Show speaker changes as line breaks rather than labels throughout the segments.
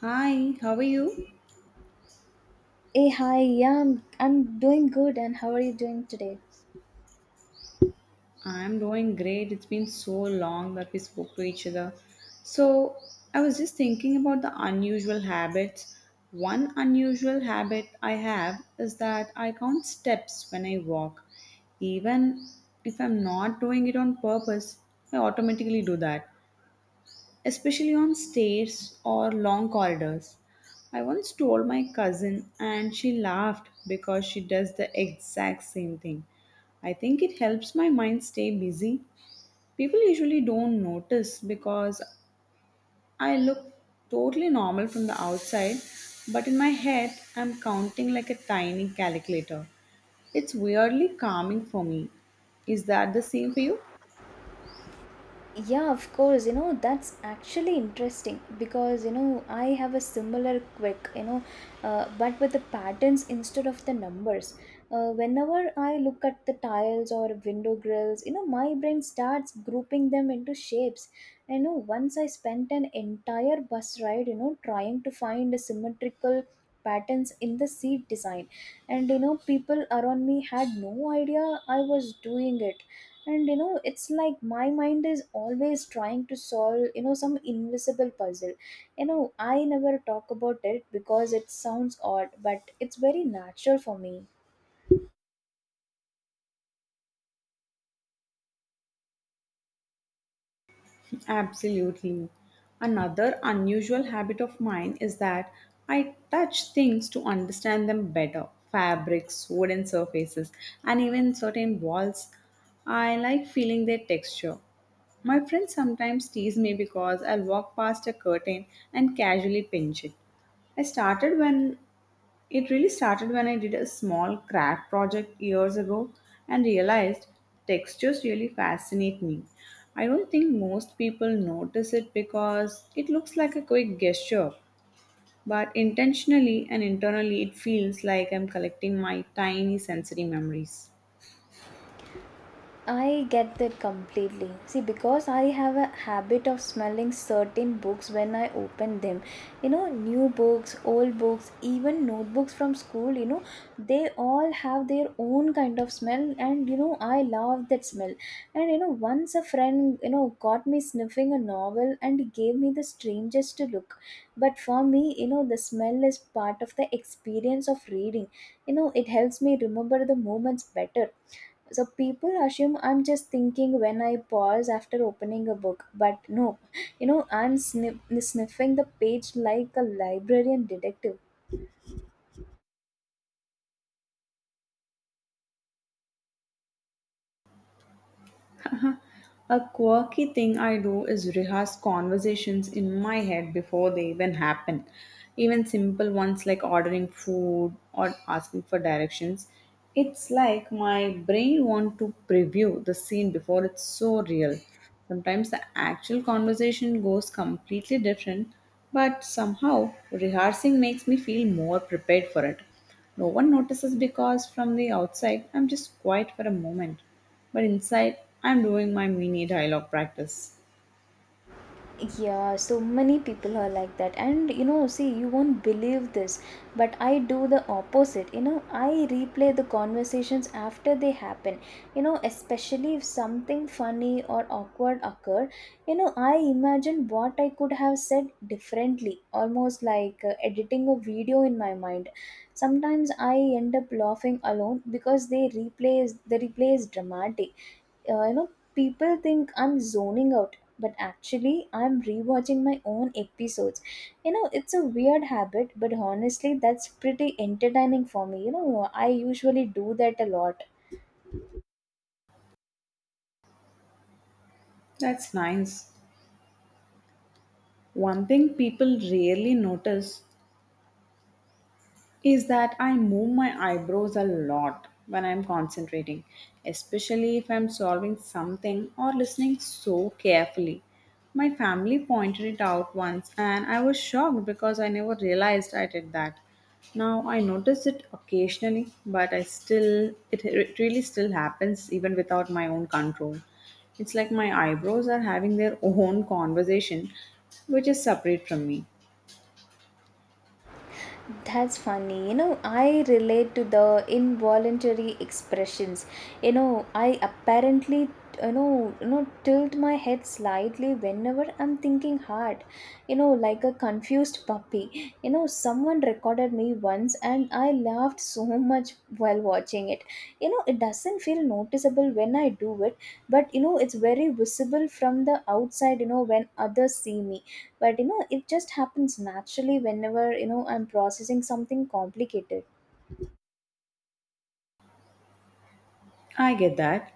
Hi, how are you?
Hey, hi, yeah, I'm doing good, and how are you doing today?
I'm doing great. It's been so long that we spoke to each other. So, I was just thinking about the unusual habits. One unusual habit I have is that I count steps when I walk. Even if I'm not doing it on purpose, I automatically do that. Especially on stairs or long corridors. I once told my cousin, and she laughed because she does the exact same thing. I think it helps my mind stay busy. People usually don't notice because I look totally normal from the outside, but in my head, I'm counting like a tiny calculator. It's weirdly calming for me. Is that the same for you?
Yeah, of course, that's actually interesting because, I have a similar quick, but with the patterns instead of the numbers. Whenever I look at the tiles or window grills, my brain starts grouping them into shapes. I know once I spent an entire bus ride, trying to find a symmetrical patterns in the seat design, and people around me had no idea I was doing it. And it's like my mind is always trying to solve some invisible puzzle. You know i never talk about it because it sounds odd, but it's very natural for me.
Absolutely. Another unusual habit of mine is that I touch things to understand them better: fabrics, wooden surfaces, and even certain walls. I like feeling their texture. My friends sometimes tease me because I'll walk past a curtain and casually pinch it. I started when it really started when I did a small craft project years ago and realized textures really fascinate me. I don't think most people notice it because it looks like a quick gesture, but intentionally and internally it feels like I'm collecting my tiny sensory memories.
I get that completely. See, because I have a habit of smelling certain books when I open them. New books, old books, even notebooks from school, they all have their own kind of smell, and I love that smell. And once a friend, got me sniffing a novel and gave me the strangest to look. But for me, the smell is part of the experience of reading. It helps me remember the moments better, so people assume I'm just thinking when I pause after opening a book. But no, I'm sniffing the page like a librarian detective.
A quirky thing I do is rehearse conversations in my head before they even happen. Even simple ones like ordering food or asking for directions. It's like my brain wants to preview the scene before it's so real. Sometimes the actual conversation goes completely different, but somehow rehearsing makes me feel more prepared for it. No one notices because from the outside I'm just quiet for a moment. But inside, I'm doing my mini dialogue practice.
Yeah, so many people are like that, and see, you won't believe this, but I do the opposite. I replay the conversations after they happen. Especially if something funny or awkward occurred, I imagine what I could have said differently, almost like editing a video in my mind. Sometimes I end up laughing alone because the replay is dramatic. Uh, you know people think I'm zoning out, but actually I'm rewatching my own episodes. It's a weird habit, but honestly that's pretty entertaining for me. I usually do that a lot.
That's nice. One thing people rarely notice is that I move my eyebrows a lot when I'm concentrating, especially if I'm solving something or listening so carefully. My family pointed it out once and I was shocked because I never realized I did that. Now I notice it occasionally, but I still, it really still happens even without my own control. It's like my eyebrows are having their own conversation, which is separate from me.
That's funny. I relate to the involuntary expressions. I apparently tilt my head slightly whenever I'm thinking hard, like a confused puppy. Someone recorded me once and I laughed so much while watching it. It doesn't feel noticeable when I do it, but it's very visible from the outside, when others see me. But it just happens naturally whenever I'm processing something complicated.
I get that.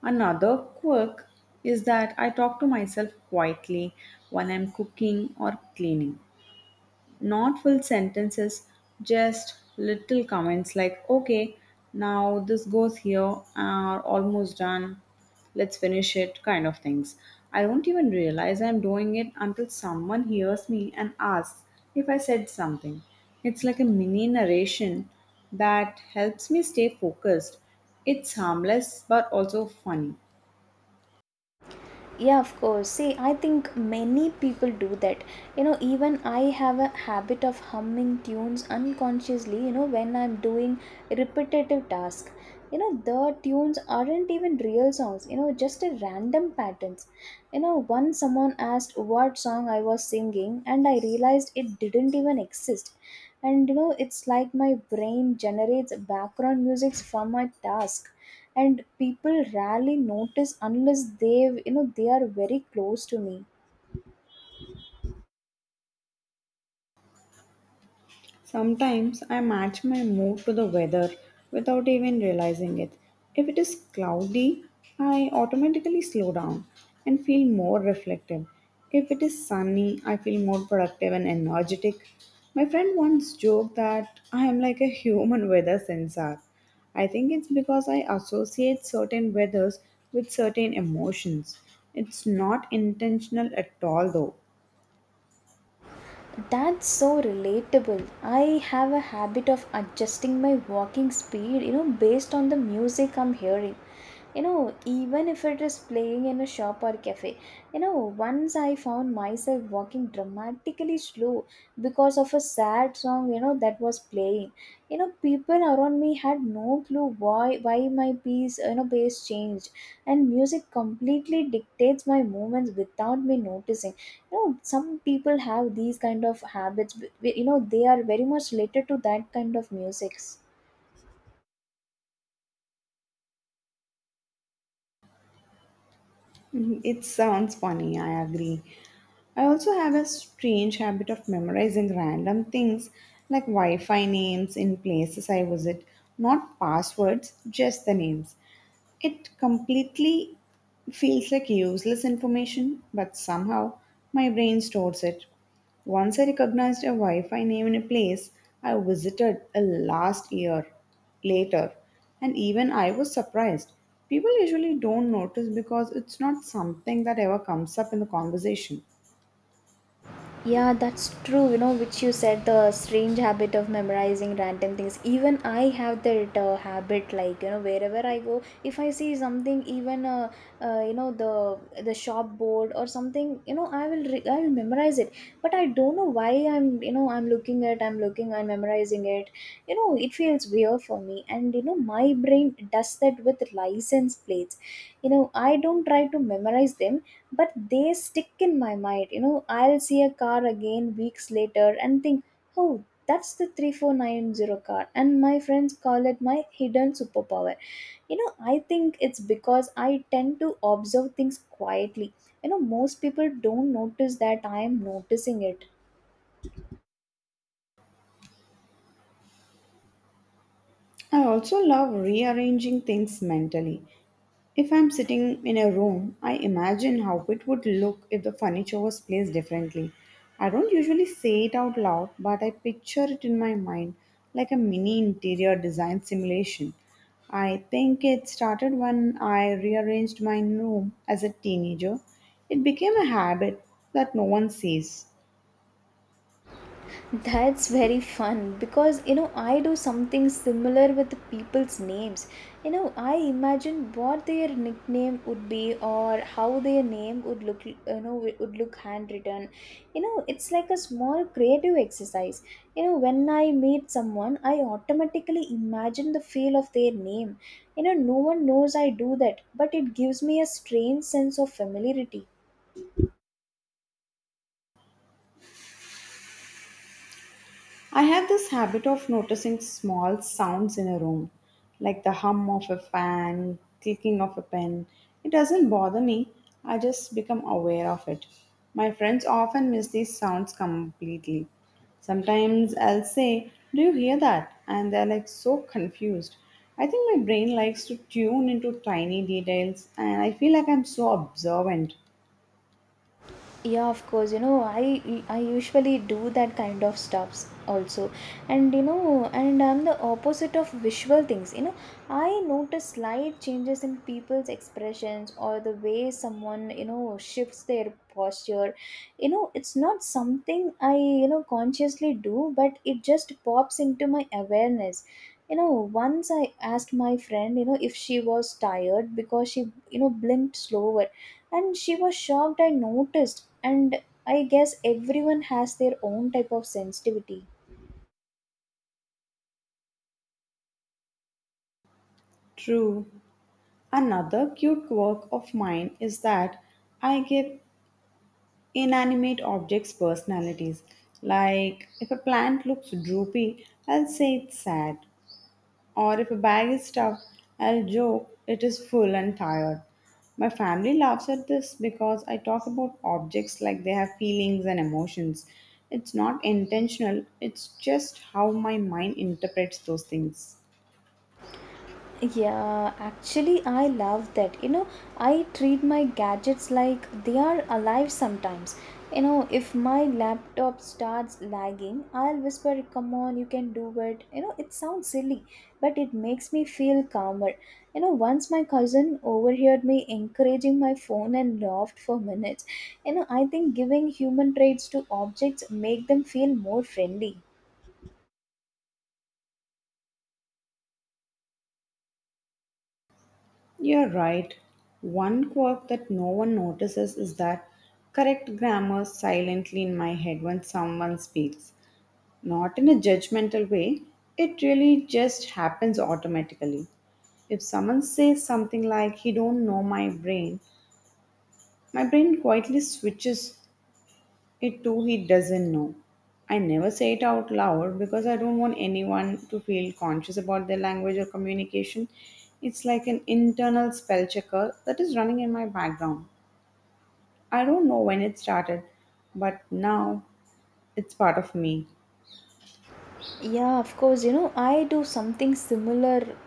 Another quirk is that I talk to myself quietly while I'm cooking or cleaning. Not full sentences, just little comments like, okay, now this goes here, or almost done, let's finish it, kind of things. I don't even realize I'm doing it until someone hears me and asks if I said something. It's like a mini narration that helps me stay focused. It's harmless but also funny.
Yeah, of course. See, I think many people do that. Even I have a habit of humming tunes unconsciously, when I'm doing repetitive task. The tunes aren't even real songs, just a random patterns. Once someone asked what song I was singing, and I realized it didn't even exist. And it's like my brain generates background music from my task, and people rarely notice unless they've you know they are very close to me.
Sometimes I match my mood to the weather without even realizing it. If it is cloudy, I automatically slow down and feel more reflective. If it is sunny, I feel more productive and energetic. My friend once joked that I am like a human weather sensor. I think it's because I associate certain weathers with certain emotions. It's not intentional at all, though.
That's so relatable. I have a habit of adjusting my walking speed, based on the music I'm hearing, even if it is playing in a shop or cafe. You know once I found myself walking dramatically slow because of a sad song that was playing. People around me had no clue why my piece you know pace changed, and music completely dictates my movements without me noticing. Some people have these kind of habits, they are very much related to that kind of musics.
Mhm. It sounds funny, I agree. I also have a strange habit of memorizing random things like Wi Fi names in places I visit, not passwords, just the names. It completely feels like useless information, but somehow my brain stores it. Once I recognized a Wi Fi name in a place I visited a last year later, and even I was surprised. People usually don't notice because it's not something that ever comes up in the conversation.
Yeah, that's true. Which you said the strange habit of memorizing random things. Even I have that habit. Like, wherever I go, if I see something, even the shop board or something, I will memorize it. But I don't know why I'm you know I'm looking at, I'm memorizing it. It feels weird for me. And my brain does that with license plates. I don't try to memorize them, but they stick in my mind. I'll see a car again weeks later and think, "Oh, that's the 3490 car," and my friends call it my hidden superpower. I think it's because I tend to observe things quietly. Most people don't notice that I am noticing it.
I also love rearranging things mentally. If I'm sitting in a room, I imagine how it would look if the furniture was placed differently. I don't usually say it out loud, but I picture it in my mind like a mini interior design simulation. I think it started when I rearranged my room as a teenager. It became a habit that no one sees.
That's very fun, because I do something similar with people's names. I imagine what their nickname would be, or how their name would look, handwritten. It's like a small creative exercise. When I meet someone, I automatically imagine the feel of their name. No one knows I do that, but it gives me a strange sense of familiarity.
I have this habit of noticing small sounds in a room, like the hum of a fan, clicking of a pen. It doesn't bother me, I just become aware of it. My friends often miss these sounds completely. Sometimes I'll say, "Do you hear that?" And they're like so confused. I think my brain likes to tune into tiny details, and I feel like I'm so observant.
Yeah, of course. I usually do that kind of stuffs also. And I'm the opposite of visual things. I notice slight changes in people's expressions, or the way someone shifts their posture. It's not something I consciously do, but it just pops into my awareness. You know once I asked my friend, if she was tired because she blinked slower, and she was shocked I noticed. And I guess everyone has their own type of sensitivity.
True. Another cute quirk of mine is that I give inanimate objects' personalities. Like if a plant looks droopy, I'll say it's sad. Or if a bag is stuffed, I'll joke it is full and tired. My family laughs at this because I talk about objects like they have feelings and emotions. It's not intentional, it's just how my mind interprets those things.
Yeah, actually, I love that. I treat my gadgets like they are alive sometimes. If my laptop starts lagging, I'll whisper, "Come on, you can do it." It sounds silly, but it makes me feel calmer. Once my cousin overheard me encouraging my phone and laughed for minutes. I think giving human traits to objects make them feel more friendly.
You're right. One quirk that no one notices is that correct grammar silently in my head when someone speaks. Not in a judgmental way, it really just happens automatically. If someone says something like he don't know my brain quietly switches it to he doesn't know. I never say it out loud because I don't want anyone to feel conscious about their language or communication. It's like an internal spell checker that is running in my background. I don't know when it started, but now it's part of me.
Yeah, of course, I do something similar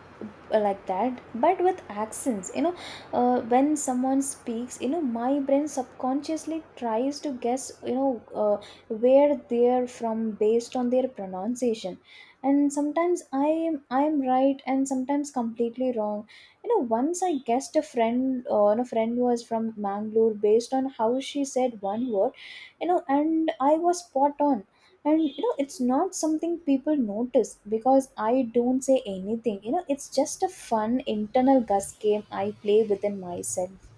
like that, but with accents. When someone speaks, my brain subconsciously tries to guess, where they're from based on their pronunciation. And sometimes I am right, and sometimes completely wrong. Once I guessed a friend was from Mangalore based on how she said one word, and I was spot on. And it's not something people notice, because I don't say anything. It's just a fun internal gus game I play within myself.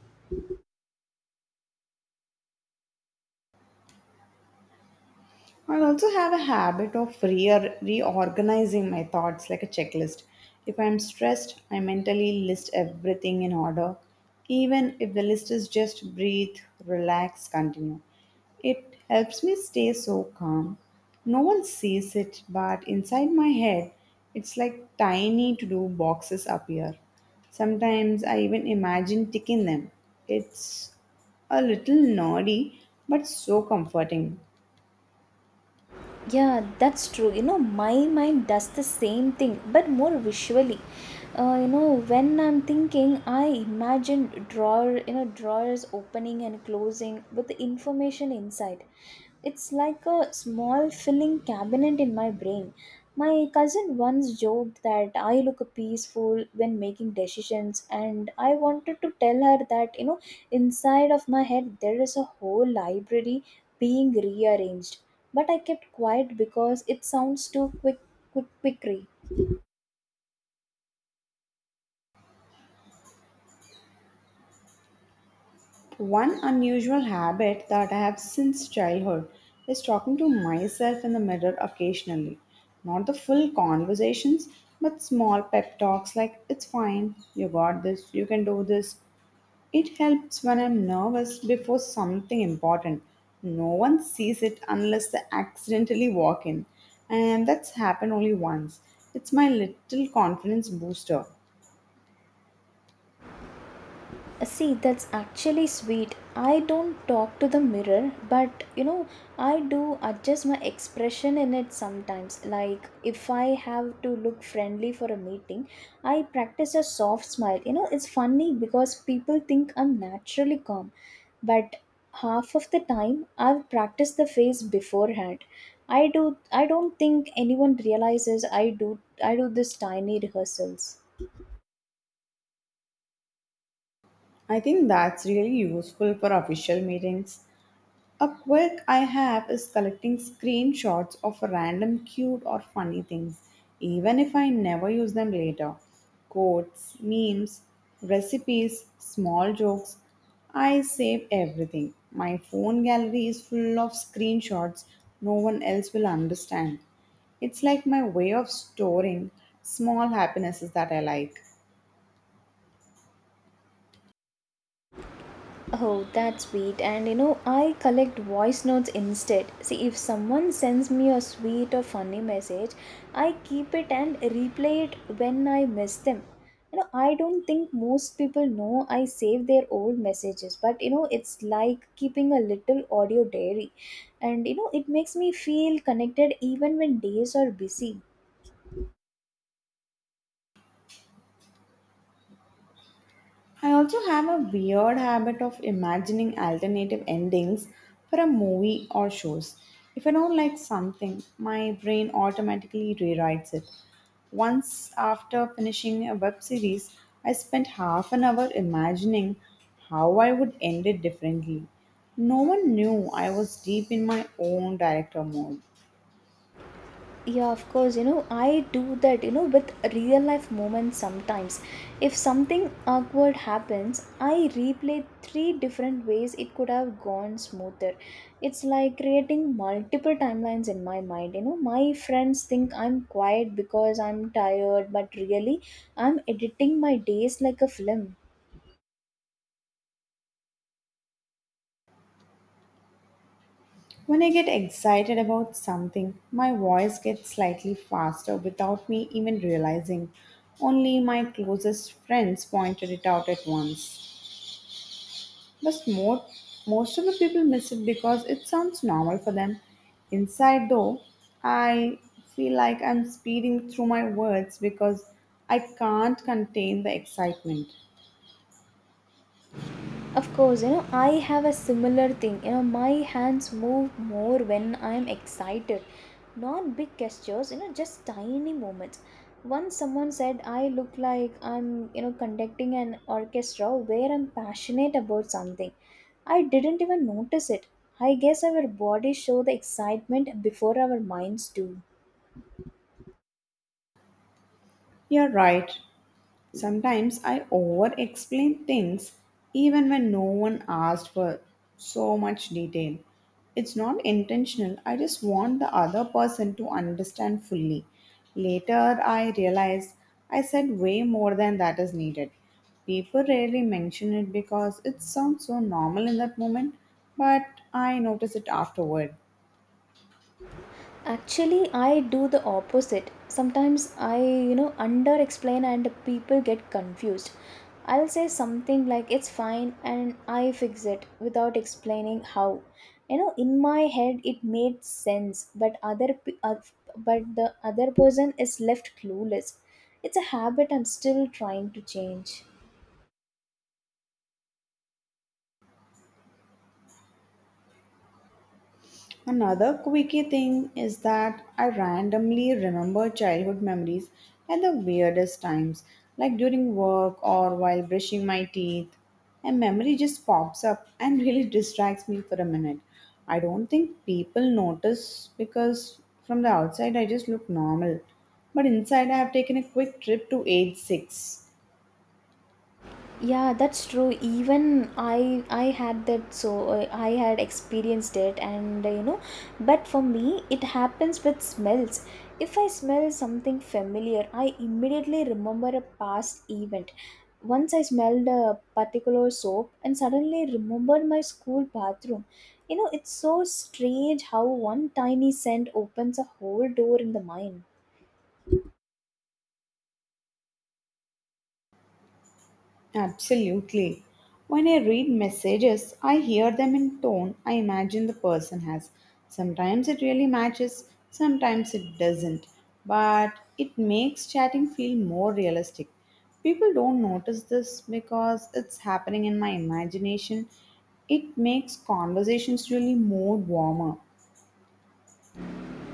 I also have a habit of reorganizing my thoughts like a checklist. If I'm stressed, I mentally list everything in order, even if the list is just breathe, relax, continue. It helps me stay so calm. No one sees it, but inside my head, it's like tiny to do boxes appear. Sometimes I even imagine ticking them. It's a little nerdy, but so comforting.
Yeah, that's true. My mind does the same thing, but more visually. When I'm thinking, I imagine drawers opening and closing with the information inside. It's like a small filling cabinet in my brain. My cousin once joked that I look peaceful when making decisions, and I wanted to tell her that, inside of my head there is a whole library being rearranged, but I kept quiet because it sounds too quick.
One unusual habit that I have since childhood is talking to myself in the mirror occasionally. Not the full conversations, but small pep talks like, it's fine, you got this, you can do this. It helps when I'm nervous before something important. No one sees it unless they accidentally walk in. And that's happened only once. It's my little confidence booster.
See, that's actually sweet. I don't talk to the mirror, but I do adjust my expression in it sometimes. Like, if I have to look friendly for a meeting, I practice a soft smile. It's funny because people think I'm naturally calm, but half of the time I've practiced the face beforehand. I don't think anyone realizes I do this tiny rehearsals.
I think that's really useful for official meetings. A quirk I have is collecting screenshots of random cute or funny things, even if I never use them later. Quotes, memes, recipes, small jokes. I save everything. My phone gallery is full of screenshots no one else will understand. It's like my way of storing small happinesses that I like.
Oh, that's sweet. And I collect voice notes instead. See, if someone sends me a sweet or funny message, I keep it and replay it when I miss them. I don't think most people know I save their old messages, but it's like keeping a little audio diary. And it makes me feel connected even when days are busy.
I also have a weird habit of imagining alternative endings for a movie or shows. If I don't like something, my brain automatically rewrites it. Once, after finishing a web series, I spent half an hour imagining how I would end it differently. No one knew I was deep in my own director mode.
Yeah, of course. I do that, with real life moments sometimes. If something awkward happens, I replay three different ways it could have gone smoother. It's like creating multiple timelines in my mind. My friends think I'm quiet because I'm tired, but really I'm editing my days like a film.
When I get excited about something, my voice gets slightly faster without me even realizing. Only my closest friends pointed it out at once. But more, most of the people miss it because it sounds normal for them. Inside, though, I feel like I'm speeding through my words because I can't contain the excitement.
Of course, I have a similar thing. My hands move more when I am excited. Not big gestures, just tiny moments. Once someone said I look like I'm, conducting an orchestra where I'm passionate about something. I didn't even notice it. I guess our bodies show the excitement before our minds do.
You're right. Sometimes I over explain things even when no one asked for so much detail. It's not intentional, I just want the other person to understand fully. Later, I realize I said way more than that is needed. People rarely mention it because it sounds so normal in that moment, but I notice it afterward.
Actually, I do the opposite. Sometimes I, under explain and people get confused. I'll say something like "it's fine" and I fix it without explaining how. In my head it made sense, but the other person is left clueless. It's a habit I'm still trying to change.
Another quirky thing is that I randomly remember childhood memories at the weirdest times, like during work or while brushing my teeth. A memory just pops up and really distracts me for a minute. I don't think people notice because from the outside I just look normal. But inside I have taken a quick trip to age 6.
Yeah, that's true. Even I had that I had experienced it but for me it happens with smells. If I smell something familiar, I immediately remember a past event. Once I smelled a particular soap and suddenly remembered my school bathroom. You know, it's so strange how one tiny scent opens a whole door in the mind.
Absolutely. When I read messages, I hear them in tone I imagine the person has. Sometimes it really matches, sometimes it doesn't. But it makes chatting feel more realistic. People don't notice this because it's happening in my imagination. It makes conversations really more warmer.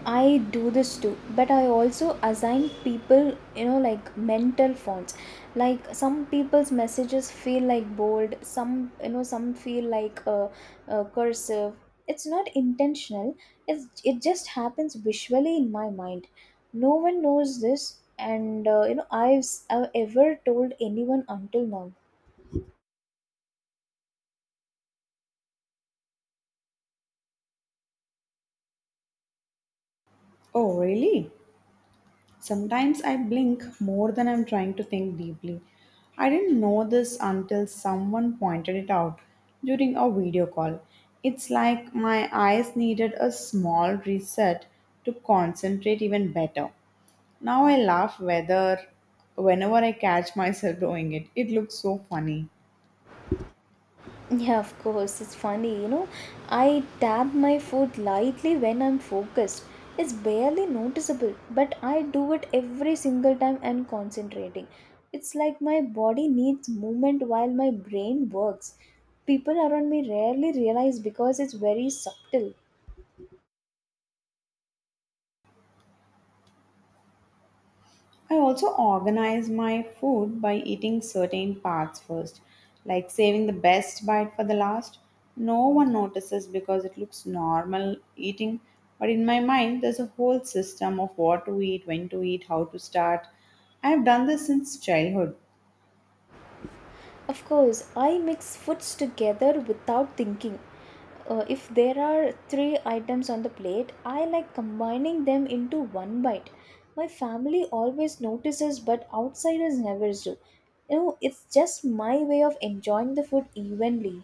I do this too, but I also assign people, you know, like mental fonts. Like some people's messages feel like bold, some, you know, some feel like cursive. It's not intentional, it just happens visually in my mind. No one knows this, and you know, I've ever told anyone until now.
Oh, really? Sometimes I blink more than I'm trying to think deeply. I didn't know this until someone pointed it out during a video call. It's like my eyes needed a small reset to concentrate even better. Now I laugh whether whenever I catch myself doing it. It looks so funny.
Yeah, of course, it's funny, you know. I tap my foot lightly when I'm focused. It's barely noticeable, but I do it every single time I'm concentrating. It's like my body needs movement while my brain works. People around me rarely realize because it's very subtle.
I also organize my food by eating certain parts first, like saving the best bite for the last. No one notices because it looks normal eating, but in my mind, there's a whole system of what to eat, when to eat, how to start. I've done this since childhood.
Of course, I mix foods together without thinking. If there are three items on the plate, I like combining them into one bite. My family always notices, but outsiders never do. You know, it's just my way of enjoying the food evenly.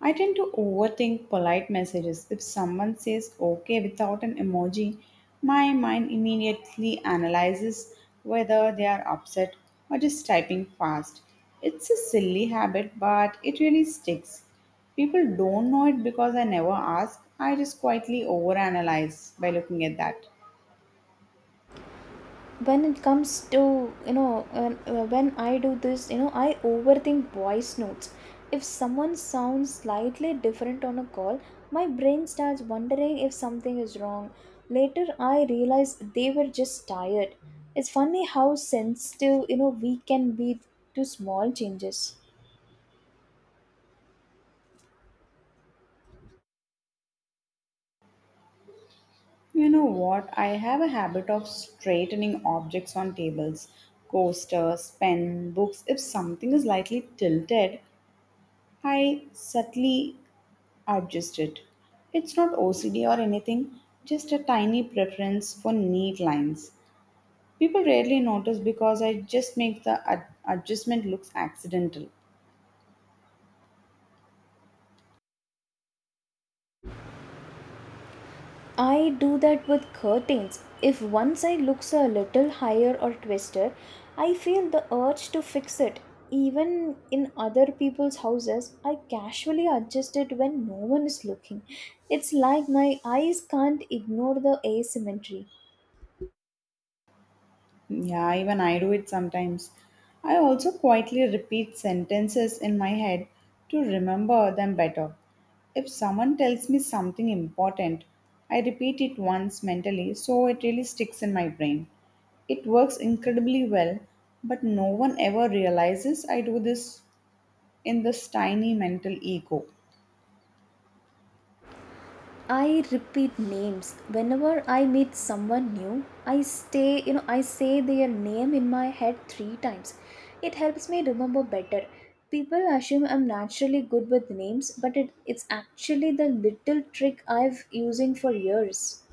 I tend to overthink polite messages. If someone says okay without an emoji, my mind immediately analyzes whether they are upset or just typing fast. It's a silly habit, but it really sticks. People don't know it because I never ask. I just quietly overanalyze by looking at that.
When it comes to, when I do this, you know, I overthink voice notes. If someone sounds slightly different on a call, my brain starts wondering if something is wrong. Later I realize they were just tired. It's funny how sensitive, you know, we can be to small changes.
You know what? I have a habit of straightening objects on tables, coasters, pen, books. If something is lightly tilted, I subtly adjusted. It's not OCD or anything, just a tiny preference for neat lines. People rarely notice because I just make the adjustment looks accidental.
I do that with curtains. If one side looks a little higher or twisted, I feel the urge to fix it. Even in other people's houses, I casually adjust it when no one is looking. It's like my eyes can't ignore the asymmetry.
Yeah, even I do it sometimes. I also quietly repeat sentences in my head to remember them better. If someone tells me something important, I repeat it once mentally so it really sticks in my brain. It works incredibly well, but no one ever realizes I do this in this tiny mental ego.
I repeat names whenever I meet someone new. I stay, you know, I say their name in my head 3 times. It helps me remember better. People assume I'm naturally good with names, but it's actually the little trick I've using for years.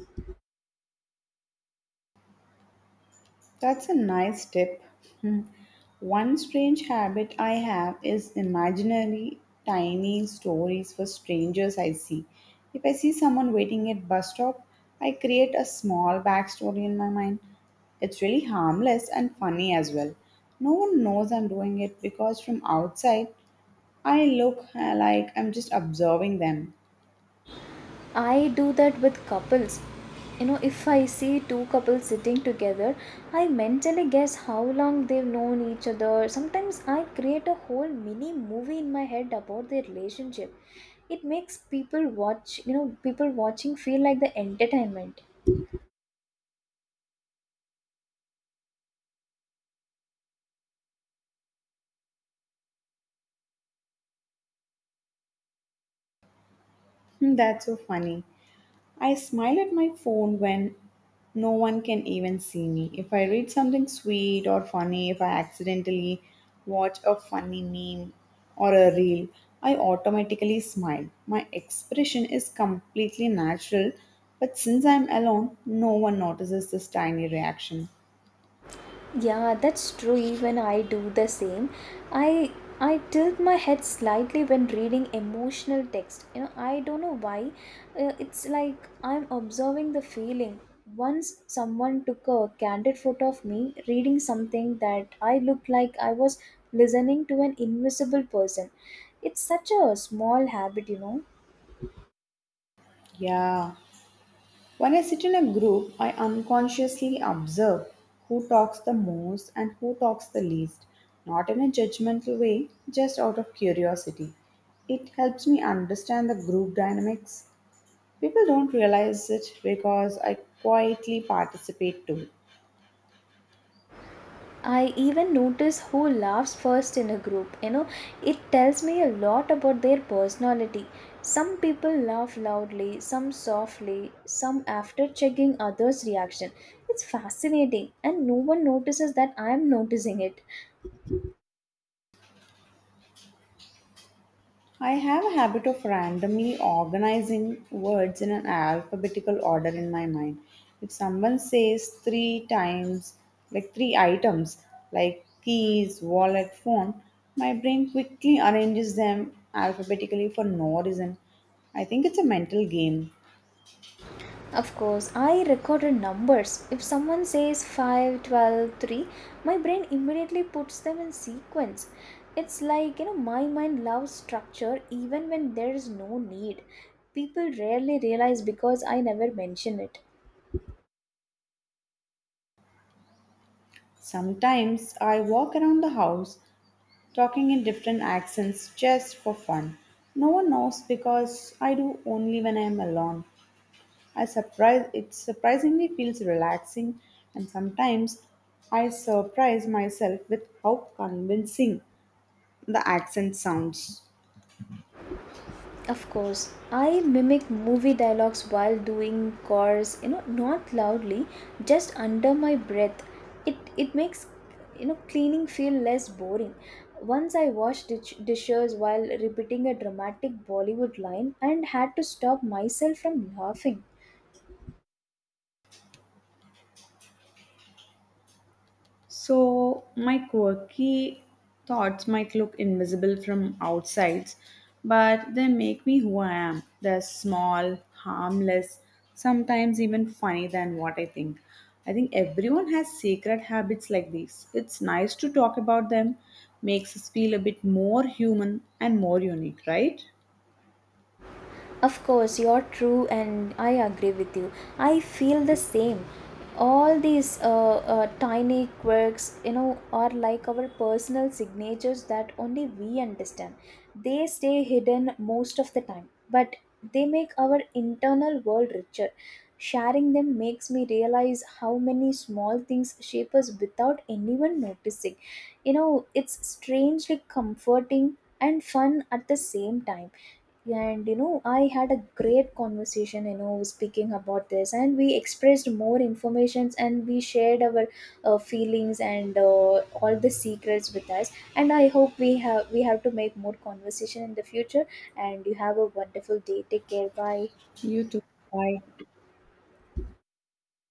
That's a nice tip. Hmm. One strange habit I have is imaginary tiny stories for strangers I see. If I see someone waiting at bus stop, I create a small backstory in my mind. It's really harmless and funny as well. No one knows I'm doing it because from outside I look like I'm just observing them.
I do that with couples. You know, if I see two couples sitting together, I mentally guess how long they've known each other. Sometimes I create a whole mini movie in my head about their relationship. It makes people watch, you know, people watching feel like the entertainment.
Hmm. That's so funny. I smile at my phone when no one can even see me. If I read something sweet or funny, if I accidentally watch a funny meme or a reel, I automatically smile. My expression is completely natural, but since I'm alone, no one notices this tiny reaction.
Yeah, that's true. Even I do the same. I I tilt my head slightly when reading emotional text. You know, I don't know why. It's like I'm observing the feeling. Once someone took a candid photo of me reading something that I looked like I was listening to an invisible person. It's such a small habit, you know.
Yeah. When I sit in a group, I unconsciously observe who talks the most and who talks the least, not in a judgmental way, just out of curiosity. It helps me understand the group dynamics. People don't realize it because I quietly participate too.
I even notice who laughs first in a group. You know, it tells me a lot about their personality. Some people laugh loudly, some softly, some after checking others' reaction. It's fascinating, and no one notices that I'm noticing it.
I have a habit of randomly organizing words in an alphabetical order in my mind. If someone says three times, like three items, like keys, wallet, phone, my brain quickly arranges them alphabetically for no reason. I think it's a mental game.
Of course, I recorded numbers. If someone says 5, 12, 3, my brain immediately puts them in sequence. It's like, you know, my mind loves structure even when there is no need. People rarely realize because I never mention it.
Sometimes I walk around the house talking in different accents just for fun. No one knows because I do only when I am alone. I surprise it surprisingly feels relaxing and sometimes I surprise myself with how convincing the accent sounds.
Of course, I mimic movie dialogues while doing chores, you know, not loudly, just under my breath. It it makes, you know, cleaning feel less boring. Once I washed dishes while repeating a dramatic Bollywood line and had to stop myself from laughing.
So, my quirky thoughts might look invisible from outside, but they make me who I am. They're small, harmless, sometimes even funny than what I think. I think everyone has secret habits like these. It's nice to talk about them, makes us feel a bit more human and more unique, right?
Of course, you're true, and I agree with you. I feel the same. All these tiny quirks, you know, are like our personal signatures that only we understand. They stay hidden most of the time, but they make our internal world richer. Sharing them makes me realize how many small things shape us without anyone noticing. You know, it's strangely comforting and fun at the same time, and you know, I had a great conversation, you know, speaking about this, and we expressed more informations, and we shared our feelings and all the secrets with us, and I hope we have to make more conversation in the future. And you have a wonderful day. Take care. Bye.
You too. Bye.